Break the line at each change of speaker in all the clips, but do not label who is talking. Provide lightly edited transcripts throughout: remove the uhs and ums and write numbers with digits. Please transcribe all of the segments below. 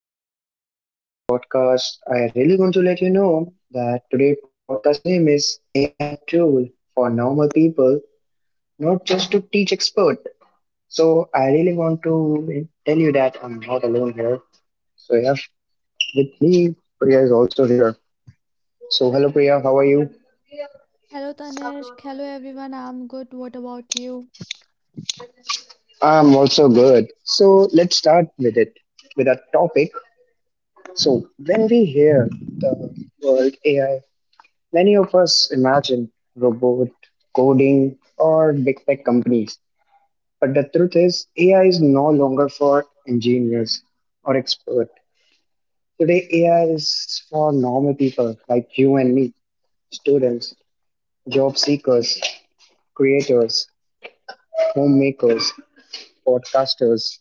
everyone, welcome to today's podcast. I really want to let you know that today's podcast name is AI Tool for Normal People, not just to teach expert. So I really want to tell you that I'm not alone here. So yeah, with me, Priya is also here. So hello Priya, how are you?
Hello Tanishq, hello everyone. I'm good. What about you?
I'm also good. So let's start with a topic. So when we hear the word AI, many of us imagine robot coding or big tech companies, but the truth is AI is no longer for engineers or experts. Today, AI is for normal people like you and me, students, job seekers, creators, homemakers, podcasters,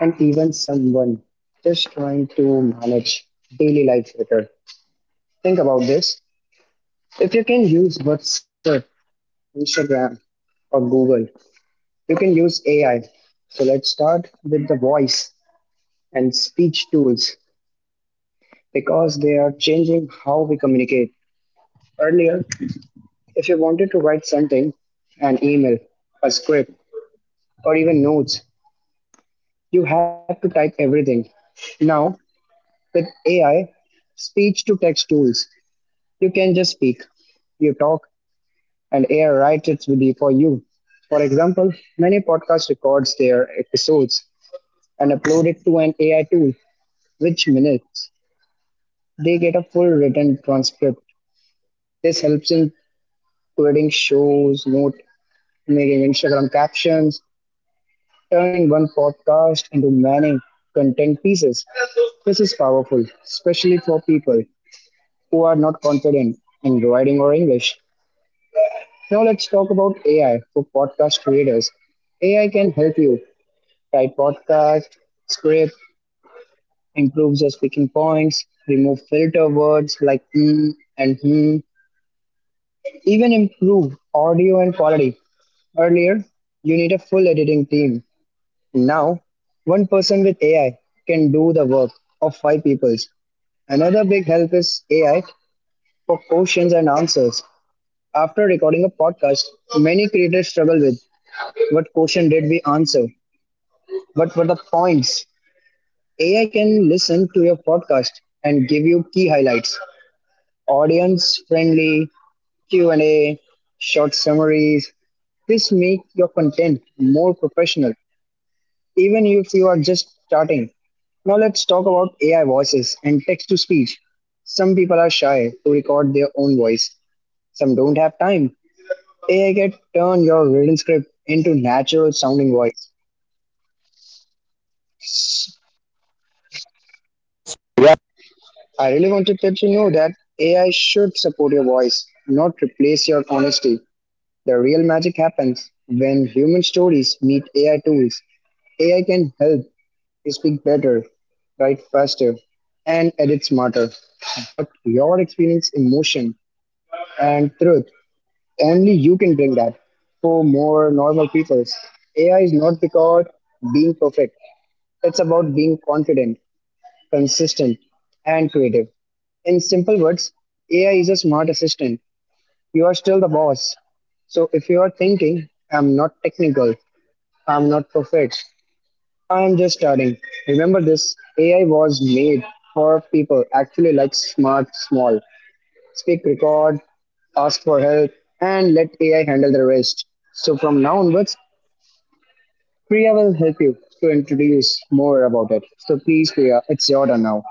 and even someone just trying to manage daily life better. Think about this. If you can use WhatsApp, Instagram, or Google, you can use AI. So let's start with the voice and speech tools because they are changing how we communicate. Earlier, if you wanted to write something, an email, a script, or even notes, you had to type everything. Now, with AI speech to text tools, you can just speak. You talk, and AI writes it for you. For example, many podcasts records their episodes and upload it to an AI tool, which minutes they get a full written transcript. This helps in creating shows, note making, Instagram captions, turning one podcast into many content pieces. This is powerful, especially for people who are not confident in writing or English. Now let's talk about AI for podcast creators. AI can help you write podcast, script, improves your speaking points, remove filter words like hmm and hmm, even improve audio and quality. Earlier, you need a full editing team. Now, one person with AI can do the work of five people. Another big help is AI for questions and answers. After recording a podcast, many creators struggle with what question did we answer? What were the points? AI can listen to your podcast and give you key highlights, audience friendly, Q&A, short summaries. This makes your content more professional even if you are just starting. Now let's talk about AI voices and text to speech. Some people are shy to record their own voice. Some don't have time. AI can turn your written script into natural sounding voice. S- I really wanted to let you know that AI should support your voice, not replace your honesty. The real magic happens when human stories meet AI tools. AI can help you speak better, write faster, and edit smarter. But your experience, emotion, and truth, only you can bring that for more normal people. AI is not about being perfect, it's about being confident, consistent, and creative. In simple words, AI is a smart assistant. You are still the boss. So if you are thinking, I'm not technical, I'm not perfect, I am just starting. Remember this, AI was made for people actually like smart, small. Speak, record, ask for help, and let AI handle the rest. So from now onwards, Priya will help you to introduce more about it. So please, Priya, it's your turn now.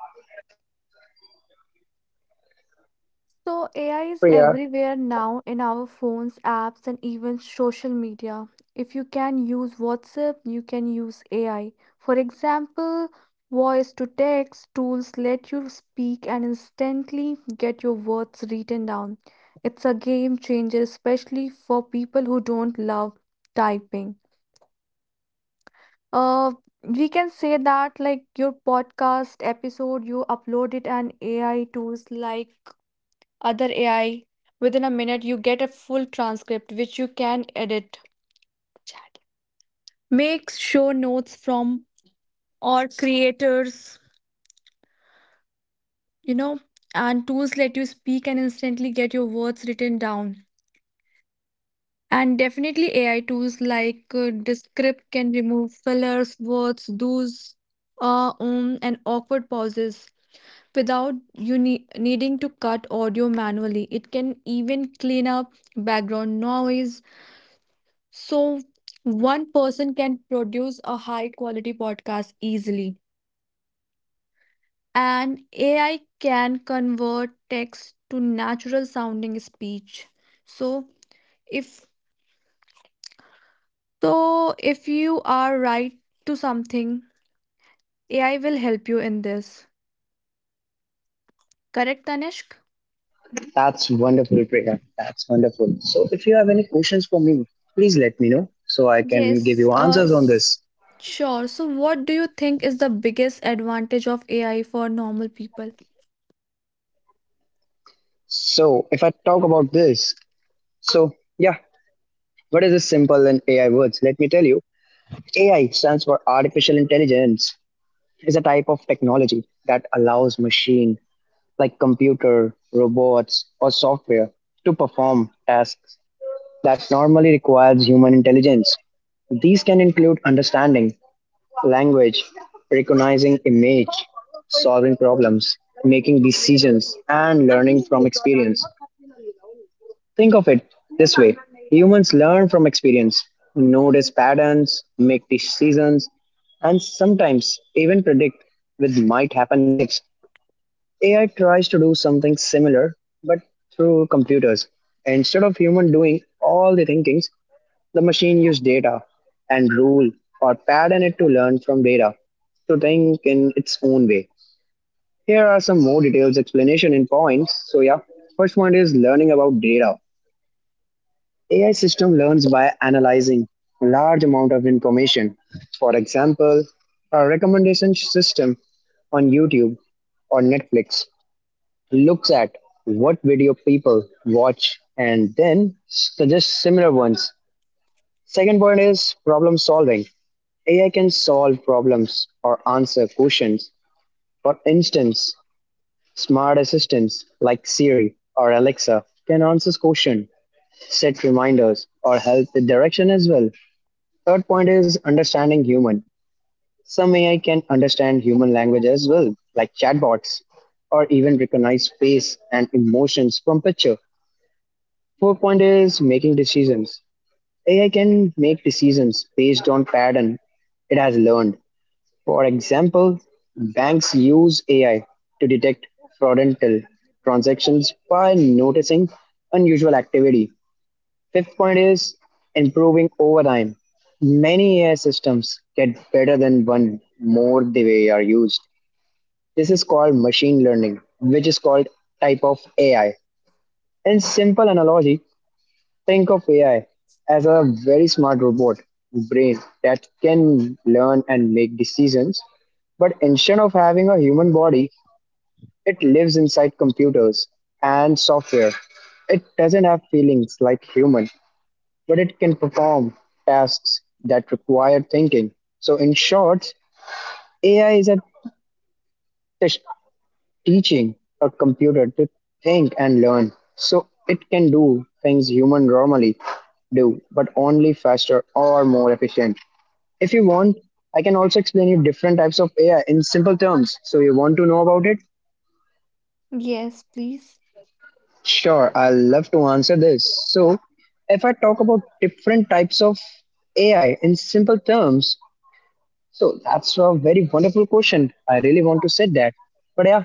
So, AI is
Priya,
everywhere now in our phones, apps, and even social media. If you can use WhatsApp, you can use AI. For example, voice to text tools let you speak and instantly get your words written down. It's a game changer, especially for people who don't love typing. Uh, we can say that like your podcast episode, you upload it and AI tools like other AI. Within a minute, you get a full transcript which you can edit, make show notes from or creators, you know, and tools let you speak and instantly get your words written down. And definitely AI tools like Descript can remove fillers, words, do's, and awkward pauses without needing to cut audio manually. It can even clean up background noise. So, one person can produce a high quality podcast easily. And AI can convert text to natural sounding speech. So, if so if you are right to something, AI will help you in this. Correct, Tanishq?
that's wonderful, Priya. That's wonderful. So if you have any questions for me, please let me know so I can give
Yes,
you answers on this.
sure. So, what do you think is the biggest advantage of AI for normal people?
So if I talk about this, so yeah, what is this simple in AI words? Let me tell you. AI stands for artificial intelligence. Is a type of technology that allows machine like computer, robots or software to perform tasks that normally requires human intelligence. These can include understanding language, recognizing image, solving problems, making decisions, and learning from experience. Think of it this way, humans learn from experience, notice patterns, make decisions, and sometimes even predict what might happen next. AI tries to do something similar, but through computers. Instead of human doing all the thinking, the machine used data and rule or pattern it to learn from data to think in its own way. Here are some more details, explanation in points. So yeah, first one is learning about data. AI system learns by analyzing large amount of information. For example, a recommendation system on YouTube or Netflix looks at what video people watch and then suggests similar ones. Second point is problem solving. AI can solve problems or answer questions. For instance, smart assistants like Siri or Alexa can answer questions, set reminders, or help with direction as well. Third point is understanding human. Some AI can understand human language as well, like chatbots, or even recognize face and emotions from picture. Fourth point is making decisions. AI can make decisions based on pattern it has learned. For example, banks use AI to detect fraudulent transactions by noticing unusual activity. Fifth point is improving over time. Many AI systems get better than one more they are used. This is called machine learning, which is called type of AI. In simple analogy, think of AI as a very smart robot brain that can learn and make decisions. But instead of having a human body, it lives inside computers and software. It doesn't have feelings like human, but it can perform tasks that require thinking. So in short, AI is a teaching a computer to think and learn so it can do things humans normally do, but only faster or more efficient. If you want, I can also explain you different types of AI in simple terms. So, you want to know about it?
Yes, please.
Sure, I love to answer this. So, if I talk about different types of AI in simple terms, so that's a very wonderful question. I really want to say that. But yeah,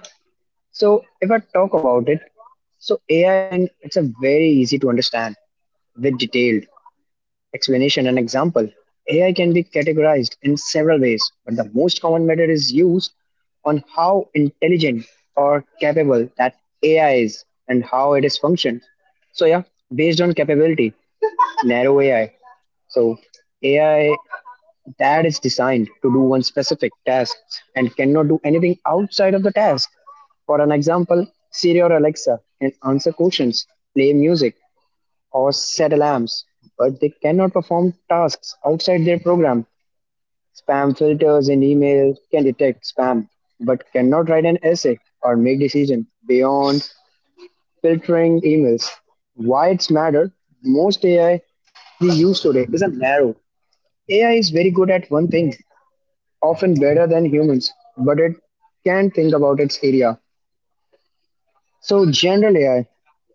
so if I talk about it, so AI in it's a very easy to understand with detailed explanation and example. AI can be categorized in several ways, but the most common method is used on how intelligent or capable that AI is and how it is functioned. So yeah, based on capability, narrow AI. So AI that is designed to do one specific task and cannot do anything outside of the task. For an example, Siri or Alexa can answer questions, play music, or set alarms, but they cannot perform tasks outside their program. Spam filters in email can detect spam, but cannot write an essay or make decision beyond filtering emails. Why it's matter? Most AI we use today is a narrow. AI is very good at one thing, often better than humans, but it can think about its area. So, general AI,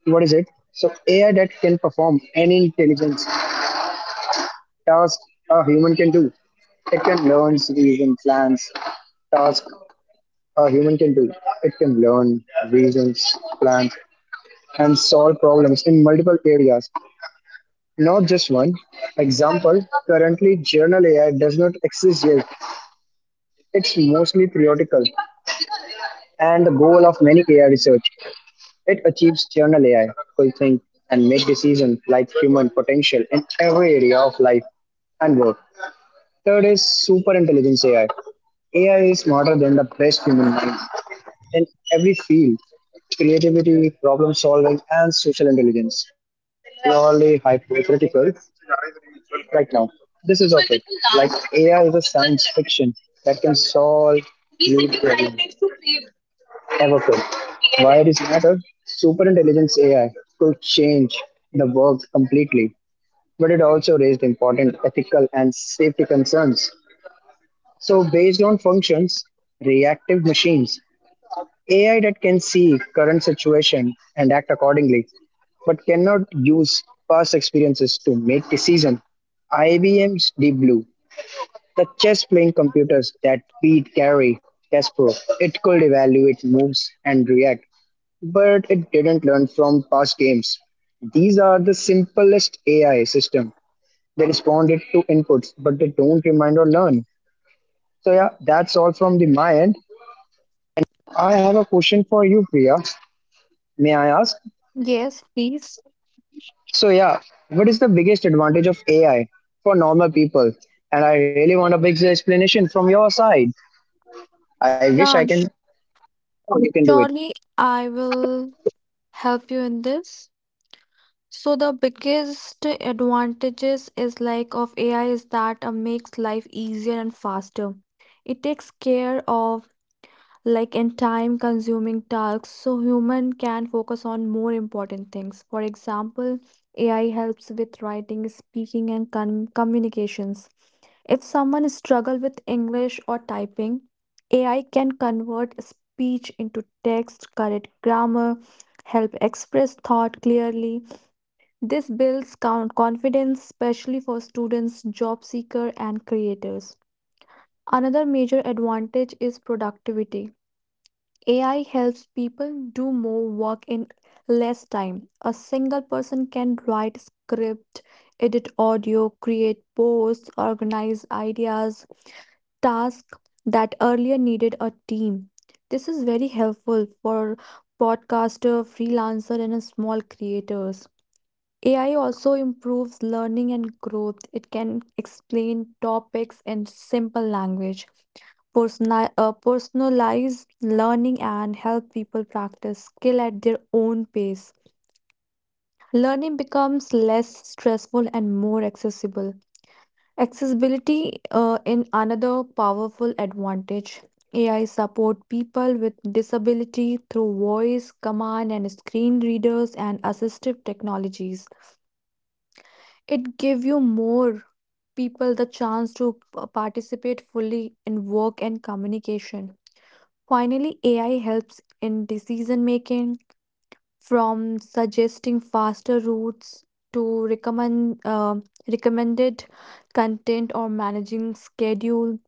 what is it? So, AI that can perform any intelligence task a human can do. It can learn, reason, plans, task a human can do. It can learn, reasons, plans, and solve problems in multiple areas, not just one. Example, currently general AI does not exist yet. It's mostly theoretical and the goal of many AI research it achieves general AI, could think, and make decisions like human potential in every area of life and work. Third is super intelligence AI. AI is smarter than the best human mind in every field creativity, problem solving, and social intelligence. Purely hypothetical right now. This is of it. Like AI is a science fiction that can solve real problems ever could. Why it is matter? Super intelligence AI could change the world completely, but it also raised important ethical and safety concerns. So, based on functions, reactive machines, AI that can see current situation and act accordingly, but cannot use past experiences to make decision. IBM's Deep Blue the chess playing computers that beat Gary Kasparov, it could evaluate moves and react, but it didn't learn from past games. These are the simplest AI system. They responded to inputs, but they don't remind or learn. So yeah, that's all from the my end. I have a question for you, Priya. May I ask?
Yes, please.
So yeah, what is the biggest advantage of AI for normal people? And I really want a big explanation from your side. I wish I
Yeah,
can you can do it.
surely I will help you in this. So, the biggest advantages is like of AI is that makes life easier and faster. It takes care of like and time consuming tasks so human can focus on more important things. For example, AI helps with writing, speaking, and communications. If someone struggle with English or typing, AI can convert speech into text, correct grammar, help express thought clearly. This builds confidence, especially for students, job seeker, and creators. Another major advantage is productivity. AI helps people do more work in less time. A single person can write script, edit audio, create posts, organize ideas, tasks that earlier needed a team. This is very helpful for podcaster, freelancer and small creators. AI also improves learning and growth. It can explain topics in simple language, personalize learning, and help people practice skill at their own pace. Learning becomes less stressful and more accessible. Accessibility in another powerful advantage. AI support people with disability through voice, command and screen readers and assistive technologies. It give you more people the chance to participate fully in work and communication. Finally, AI helps in decision making from suggesting faster routes to recommended content or managing schedule.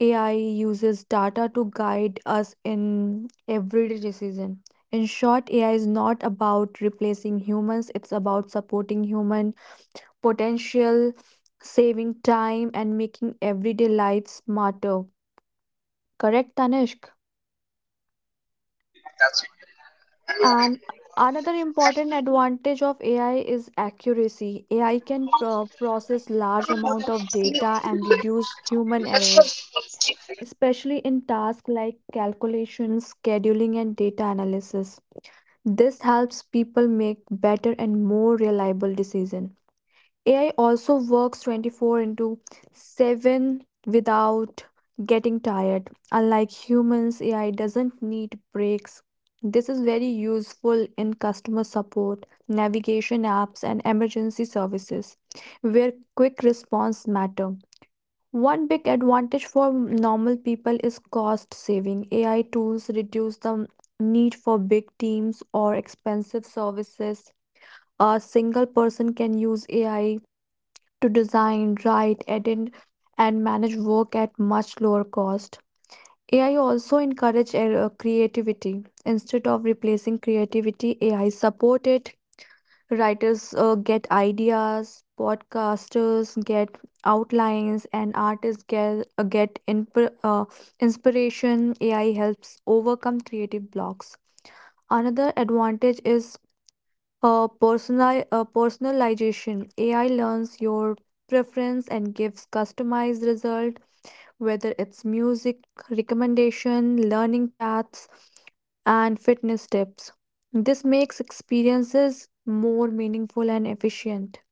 AI uses data to guide us in everyday decision. In short, AI is not about replacing humans, it's about supporting human potential, saving time, and making everyday life smarter. Correct, Tanishk. And another important advantage of AI is accuracy. AI can process large amount of data and reduce human errors, especially in tasks like calculations, scheduling, and data analysis. This helps people make better and more reliable decisions. AI also works 24 into 7 without getting tired. Unlike humans, AI doesn't need breaks. This is very useful in customer support, navigation apps, and emergency services, where quick response matter. One big advantage for normal people is cost saving. AI tools reduce the need for big teams or expensive services. A single person can use AI to design, write, edit, and manage work at much lower cost. AI also encourage creativity. Instead of replacing creativity, AI support it. Writers get ideas, podcasters get outlines, and artists get inspiration. AI helps overcome creative blocks. Another advantage is personalization. AI learns your preference and gives customized result, whether it's music recommendation, learning paths, and fitness tips. This makes experiences more meaningful and efficient.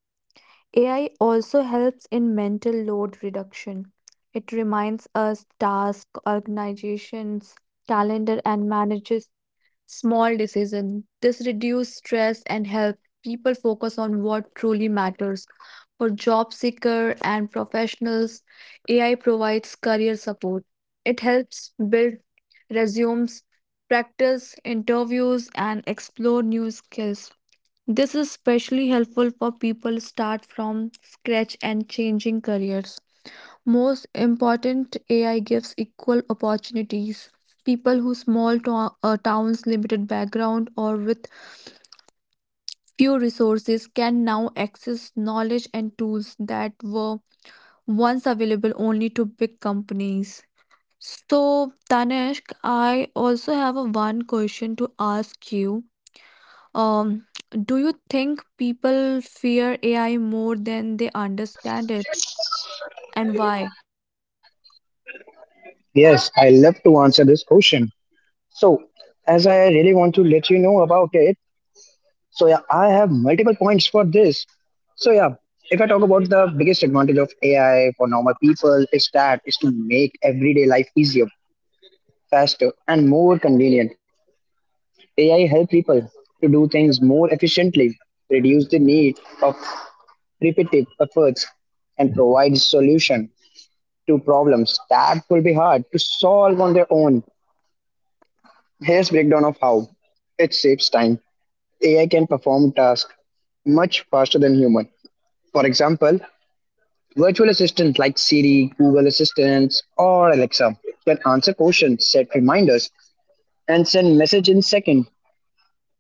AI also helps in mental load reduction. It reminds us task organizations, calendar, and manages small decision. This reduces stress and helps people focus on what truly matters. For job seeker and professionals, AI provides career support. It helps build resumes, practice interviews, and explore new skills. This is especially helpful for people start from scratch and changing careers. Most important, AI gives equal opportunities. People whose small towns, limited background, or with few resources can now access knowledge and tools that were once available only to big companies. So, Tanishq, I also have a one question to ask you. Um, do you think people fear AI more than they understand it, and why?
Yes, I love to answer this question. So, as I really want to let you know about it, so yeah, I have multiple points for this. So yeah, if I talk about the biggest advantage of AI for normal people is that is to make everyday life easier, faster, and more convenient. AI help people to do things more efficiently, reduce the need of repetitive efforts, and provide solution to problems that will be hard to solve on their own. Here's breakdown of how it saves time. AI can perform tasks much faster than human. For example, virtual assistants like Siri, Google Assistants, or Alexa can answer questions, set reminders, and send message in seconds.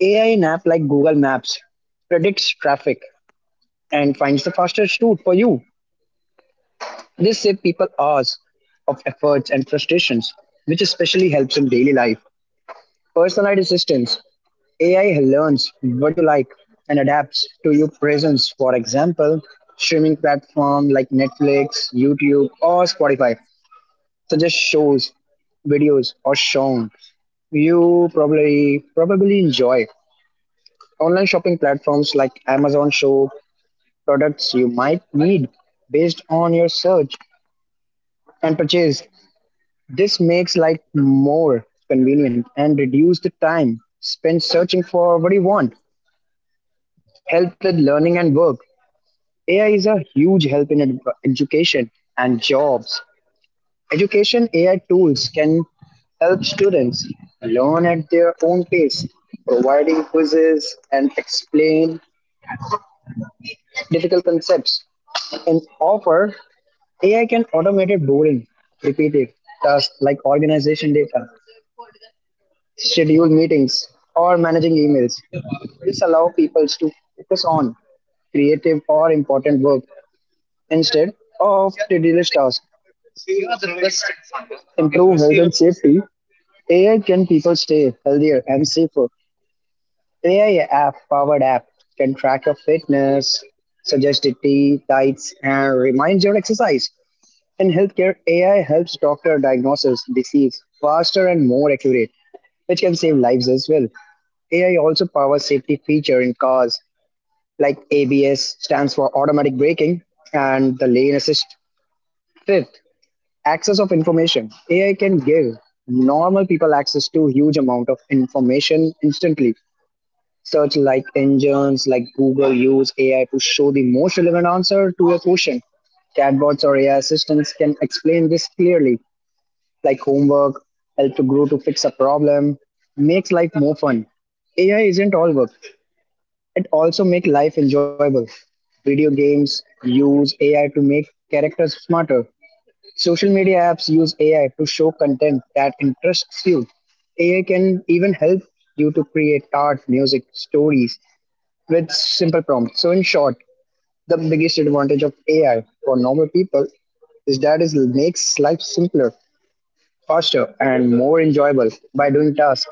AI in app like Google Maps predicts traffic and finds the fastest route for you. This saves people hours of efforts and frustrations, which especially helps in daily life. Personalized assistance. AI learns what you like and adapts to your presence. For example, streaming platform like Netflix, YouTube, or Spotify suggest shows, videos, or songs you probably enjoy. Online shopping platforms like Amazon show products you might need based on your search and purchase. This makes life more convenient and reduce the time spent searching for what you want. Help with learning and work. AI is a huge help in education and jobs. Education AI tools can help students learn at their own pace, providing quizzes and explain difficult concepts. And offer AI can automate boring, repeated tasks like organization data, schedule meetings, or managing emails. This allows people to focus on creative or important work instead of tedious tasks. Improve health and safety, AI can people stay healthier and safer. AI app powered app can track your fitness, suggest the tea, diets, and remind your exercise. In healthcare, AI helps doctor diagnose disease faster and more accurate, which can save lives as well. AI also powers safety feature in cars like ABS stands for automatic braking and the lane assist. Fifth, access of information. AI can give normal people access to huge amount of information instantly. Search like engines like Google use AI to show the most relevant answer to a question. Chatbots or AI assistants can explain this clearly, like homework help to grow to fix a problem. Makes life more fun. AI isn't all work, it also make life enjoyable. Video games use AI to make characters smarter. Social media apps use AI to show content that interests you. AI can even help you to create art, music, stories with simple prompts. So, in short, the biggest advantage of AI for normal people is that it makes life simpler, faster, and more enjoyable by doing tasks,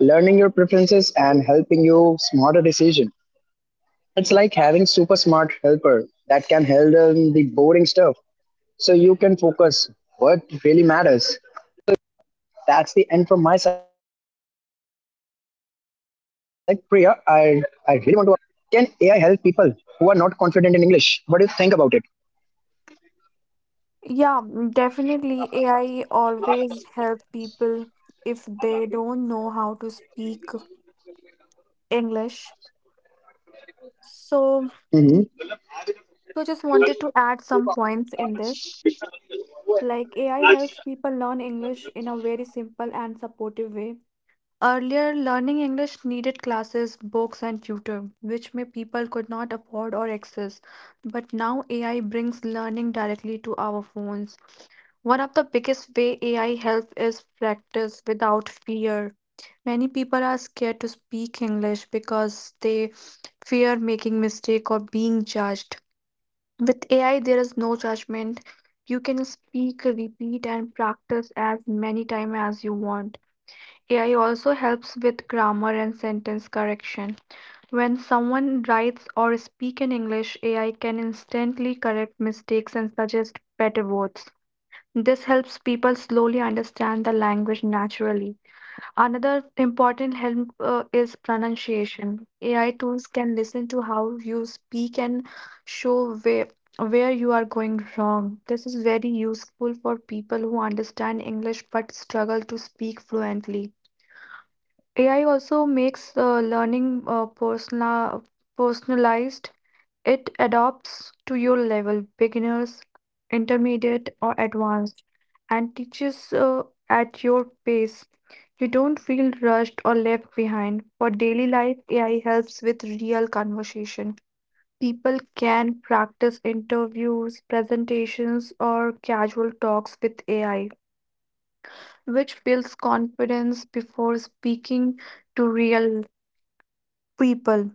learning your preferences, and helping you smarter decision. It's like having super smart helper that can handle the boring stuff, so you can focus what really matters. That's the end from my side, Priya. I really want to ask question from you. Can AI help people who are not confident in English? What do you think about it?
Yeah, mm, definitely. AI always help people if they don't know how to speak English. So,
Hmm.
so just wanted to add some points in this. Like AI helps people learn English in a very simple and supportive way. Earlier, learning English needed classes, books, and tutor, which may people could not afford or access. But now AI brings learning directly to our phones. One of the biggest way AI help is practice without fear. Many people are scared to speak English because they fear making mistake or being judged. With AI, there is no judgment. You can speak, repeat, and practice as many times as you want. AI also helps with grammar and sentence correction. When someone writes or speaks in English, AI can instantly correct mistakes and suggest better words. This helps people slowly understand the language naturally. Another important help is pronunciation. AI tools can listen to how you speak and show where you are going wrong. This is very useful for people who understand English but struggle to speak fluently. AI also makes learning personalized. It adapts to your level, beginners, intermediate, or advanced, and teaches at your pace. You don't feel rushed or left behind. For daily life, AI helps with real conversation. People can practice interviews, presentations, or casual talks with AI, which builds confidence before speaking to real people.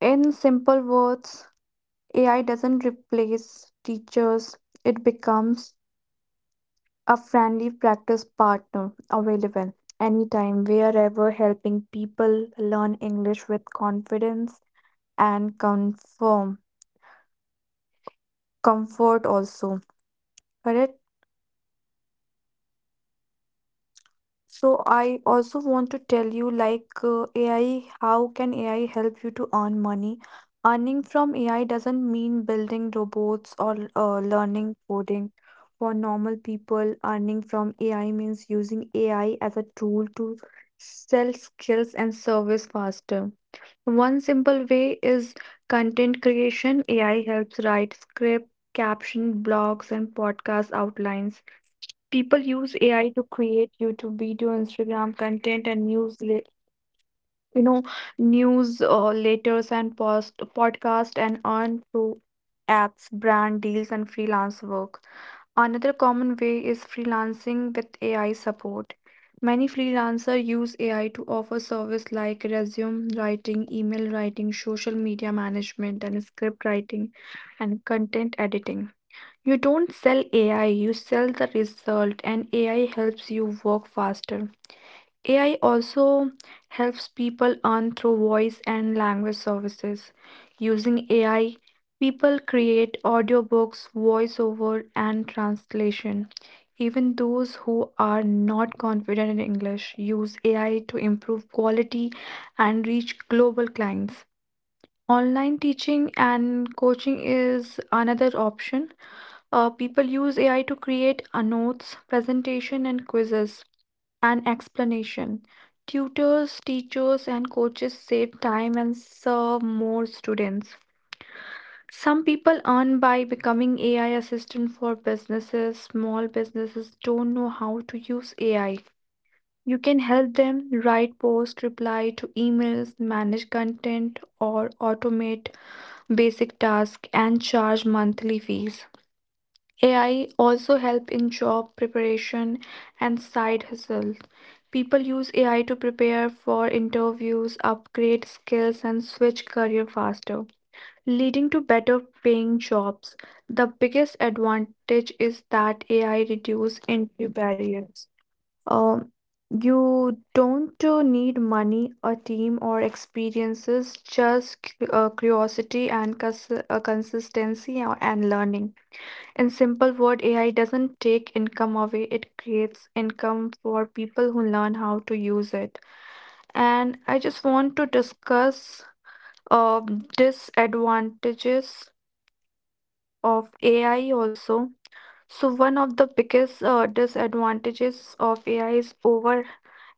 In simple words, AI doesn't replace teachers, it becomes a friendly practice partner available anytime, wherever, helping people learn English with confidence and confirm comfort also. Correct? So I also want to tell you like AI, how can AI help you to earn money? Earning from AI doesn't mean building robots or learning coding. For normal people, earning from AI means using AI as a tool to sell skills and service faster. One simple way is content creation. AI helps write script, caption, blogs, and podcast outlines. People use AI to create YouTube video, Instagram content, and news, know, news letters and post podcast, and earn through apps, brand deals, and freelance work. Another common way is freelancing with AI support. Many freelancers use AI to offer service like resume writing, email writing, social media management, and script writing, and content editing. You don't sell AI, you sell the result, and AI helps you work faster. AI also helps people earn through voice and language services. Using AI, people create audiobooks, voiceover, and translation. Even those who are not confident in English use AI to improve quality and reach global clients. Online teaching and coaching is another option. People use AI to create notes, presentation, and quizzes, and explanation. Tutors, teachers, and coaches save time and serve more students. Some people earn by becoming AI assistant for businesses. Small businesses don't know how to use AI. You can help them write posts, reply to emails, manage content, or automate basic tasks and charge monthly fees. AI also help in job preparation and side hustles. People use AI to prepare for interviews, upgrade skills and switch career faster, leading to better paying jobs. The biggest advantage is that AI reduce entry barriers. Um, you don't need money, a team or experiences, just curiosity and consistency and learning. In simple word, AI doesn't take income away, it creates income for people who learn how to use it. And I just want to discuss uh, disadvantages of AI also. So one of the biggest disadvantages of AI is over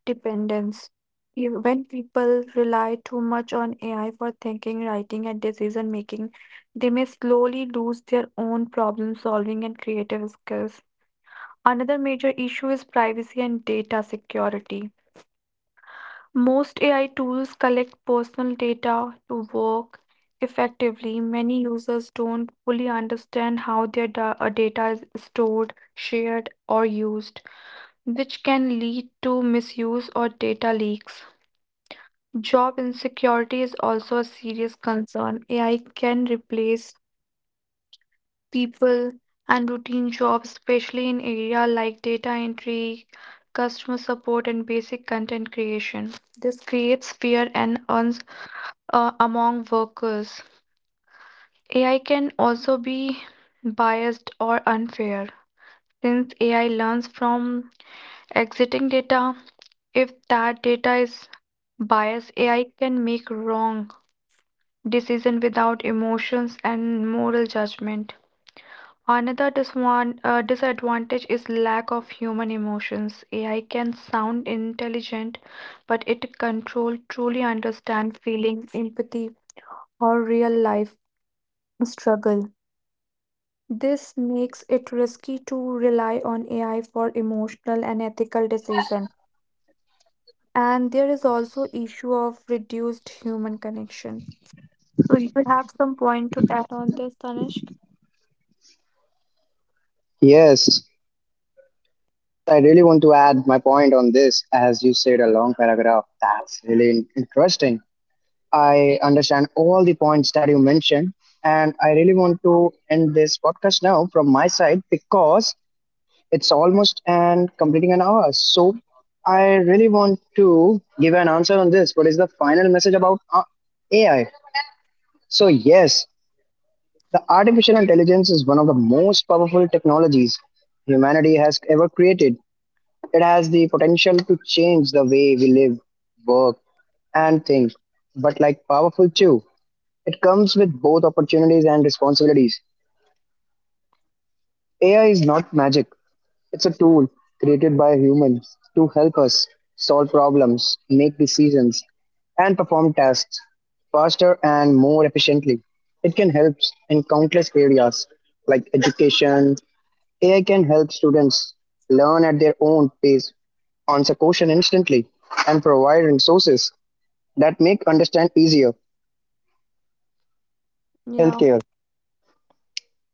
dependence. When people rely too much on AI for thinking, writing, and decision making, they may slowly lose their own problem solving and creative skills. Another major issue is privacy and data security. Most AI tools collect personal data to work effectively. Many users don't fully understand how their data is stored, shared, or used, which can lead to misuse or data leaks. Job insecurity is also a serious concern. AI can replace people and routine jobs, especially in area like data entry, customer support, and basic content creation. This creates fear and uns among workers. AI can also be biased or unfair since AI learns from exiting data. If that data is biased, AI can make wrong decision without emotions and moral judgment. Another disadvantage is lack of human emotions. AI can sound intelligent, but it control truly understand feeling, empathy, or real life struggle. This makes it risky to rely on AI for emotional and ethical decision. And there is also issue of reduced human connection. So you have some point to add on this, Tanishq?
Yes, I really want to add my point on this. As you said, a long paragraph. That's really interesting. I understand all the points that you mentioned, and I really want to end this podcast now from my side because it's almost and completing an hour. So I really want to give an answer on this. What is the final message about AI? So yes, the artificial intelligence is one of the most powerful technologies humanity has ever created. It has the potential to change the way we live, work, and think, but like powerful too. It comes with both opportunities and responsibilities. AI is not magic. It's a tool created by humans to help us solve problems, make decisions, and perform tasks faster and more efficiently. It can help in countless areas like education. AI can help students learn at their own pace, answer questions instantly, and provide resources that make understand easier.
Yeah,
Healthcare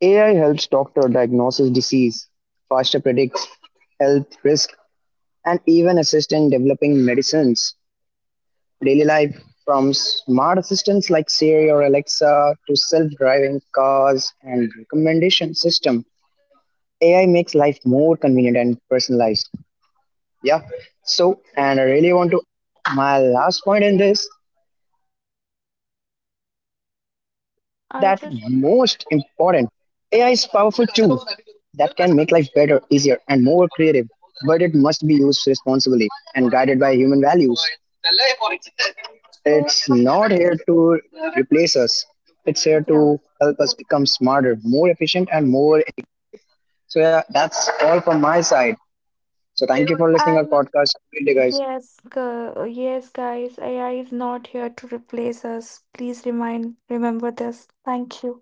AI helps doctor diagnose disease, faster predicts health risk, and even assist in developing medicines. Daily life, from smart assistants like Siri or Alexa to self driving cars and recommendation system. AI makes life more convenient and personalized. Yeah. So, and I really want to, my last point in this that most important
I just
AI is powerful too. That can make life better, easier, and more creative, but it must be used responsibly and guided by human values.
so
It's not here to replace us. It's here
yeah.
to help us become smarter, more efficient, and more. So yeah, that's all from my side. So thank you for listening our
I
podcast. Have a great day, guys.
Yes, yes, guys, AI is not here to replace us. Please remind remember this. Thank you.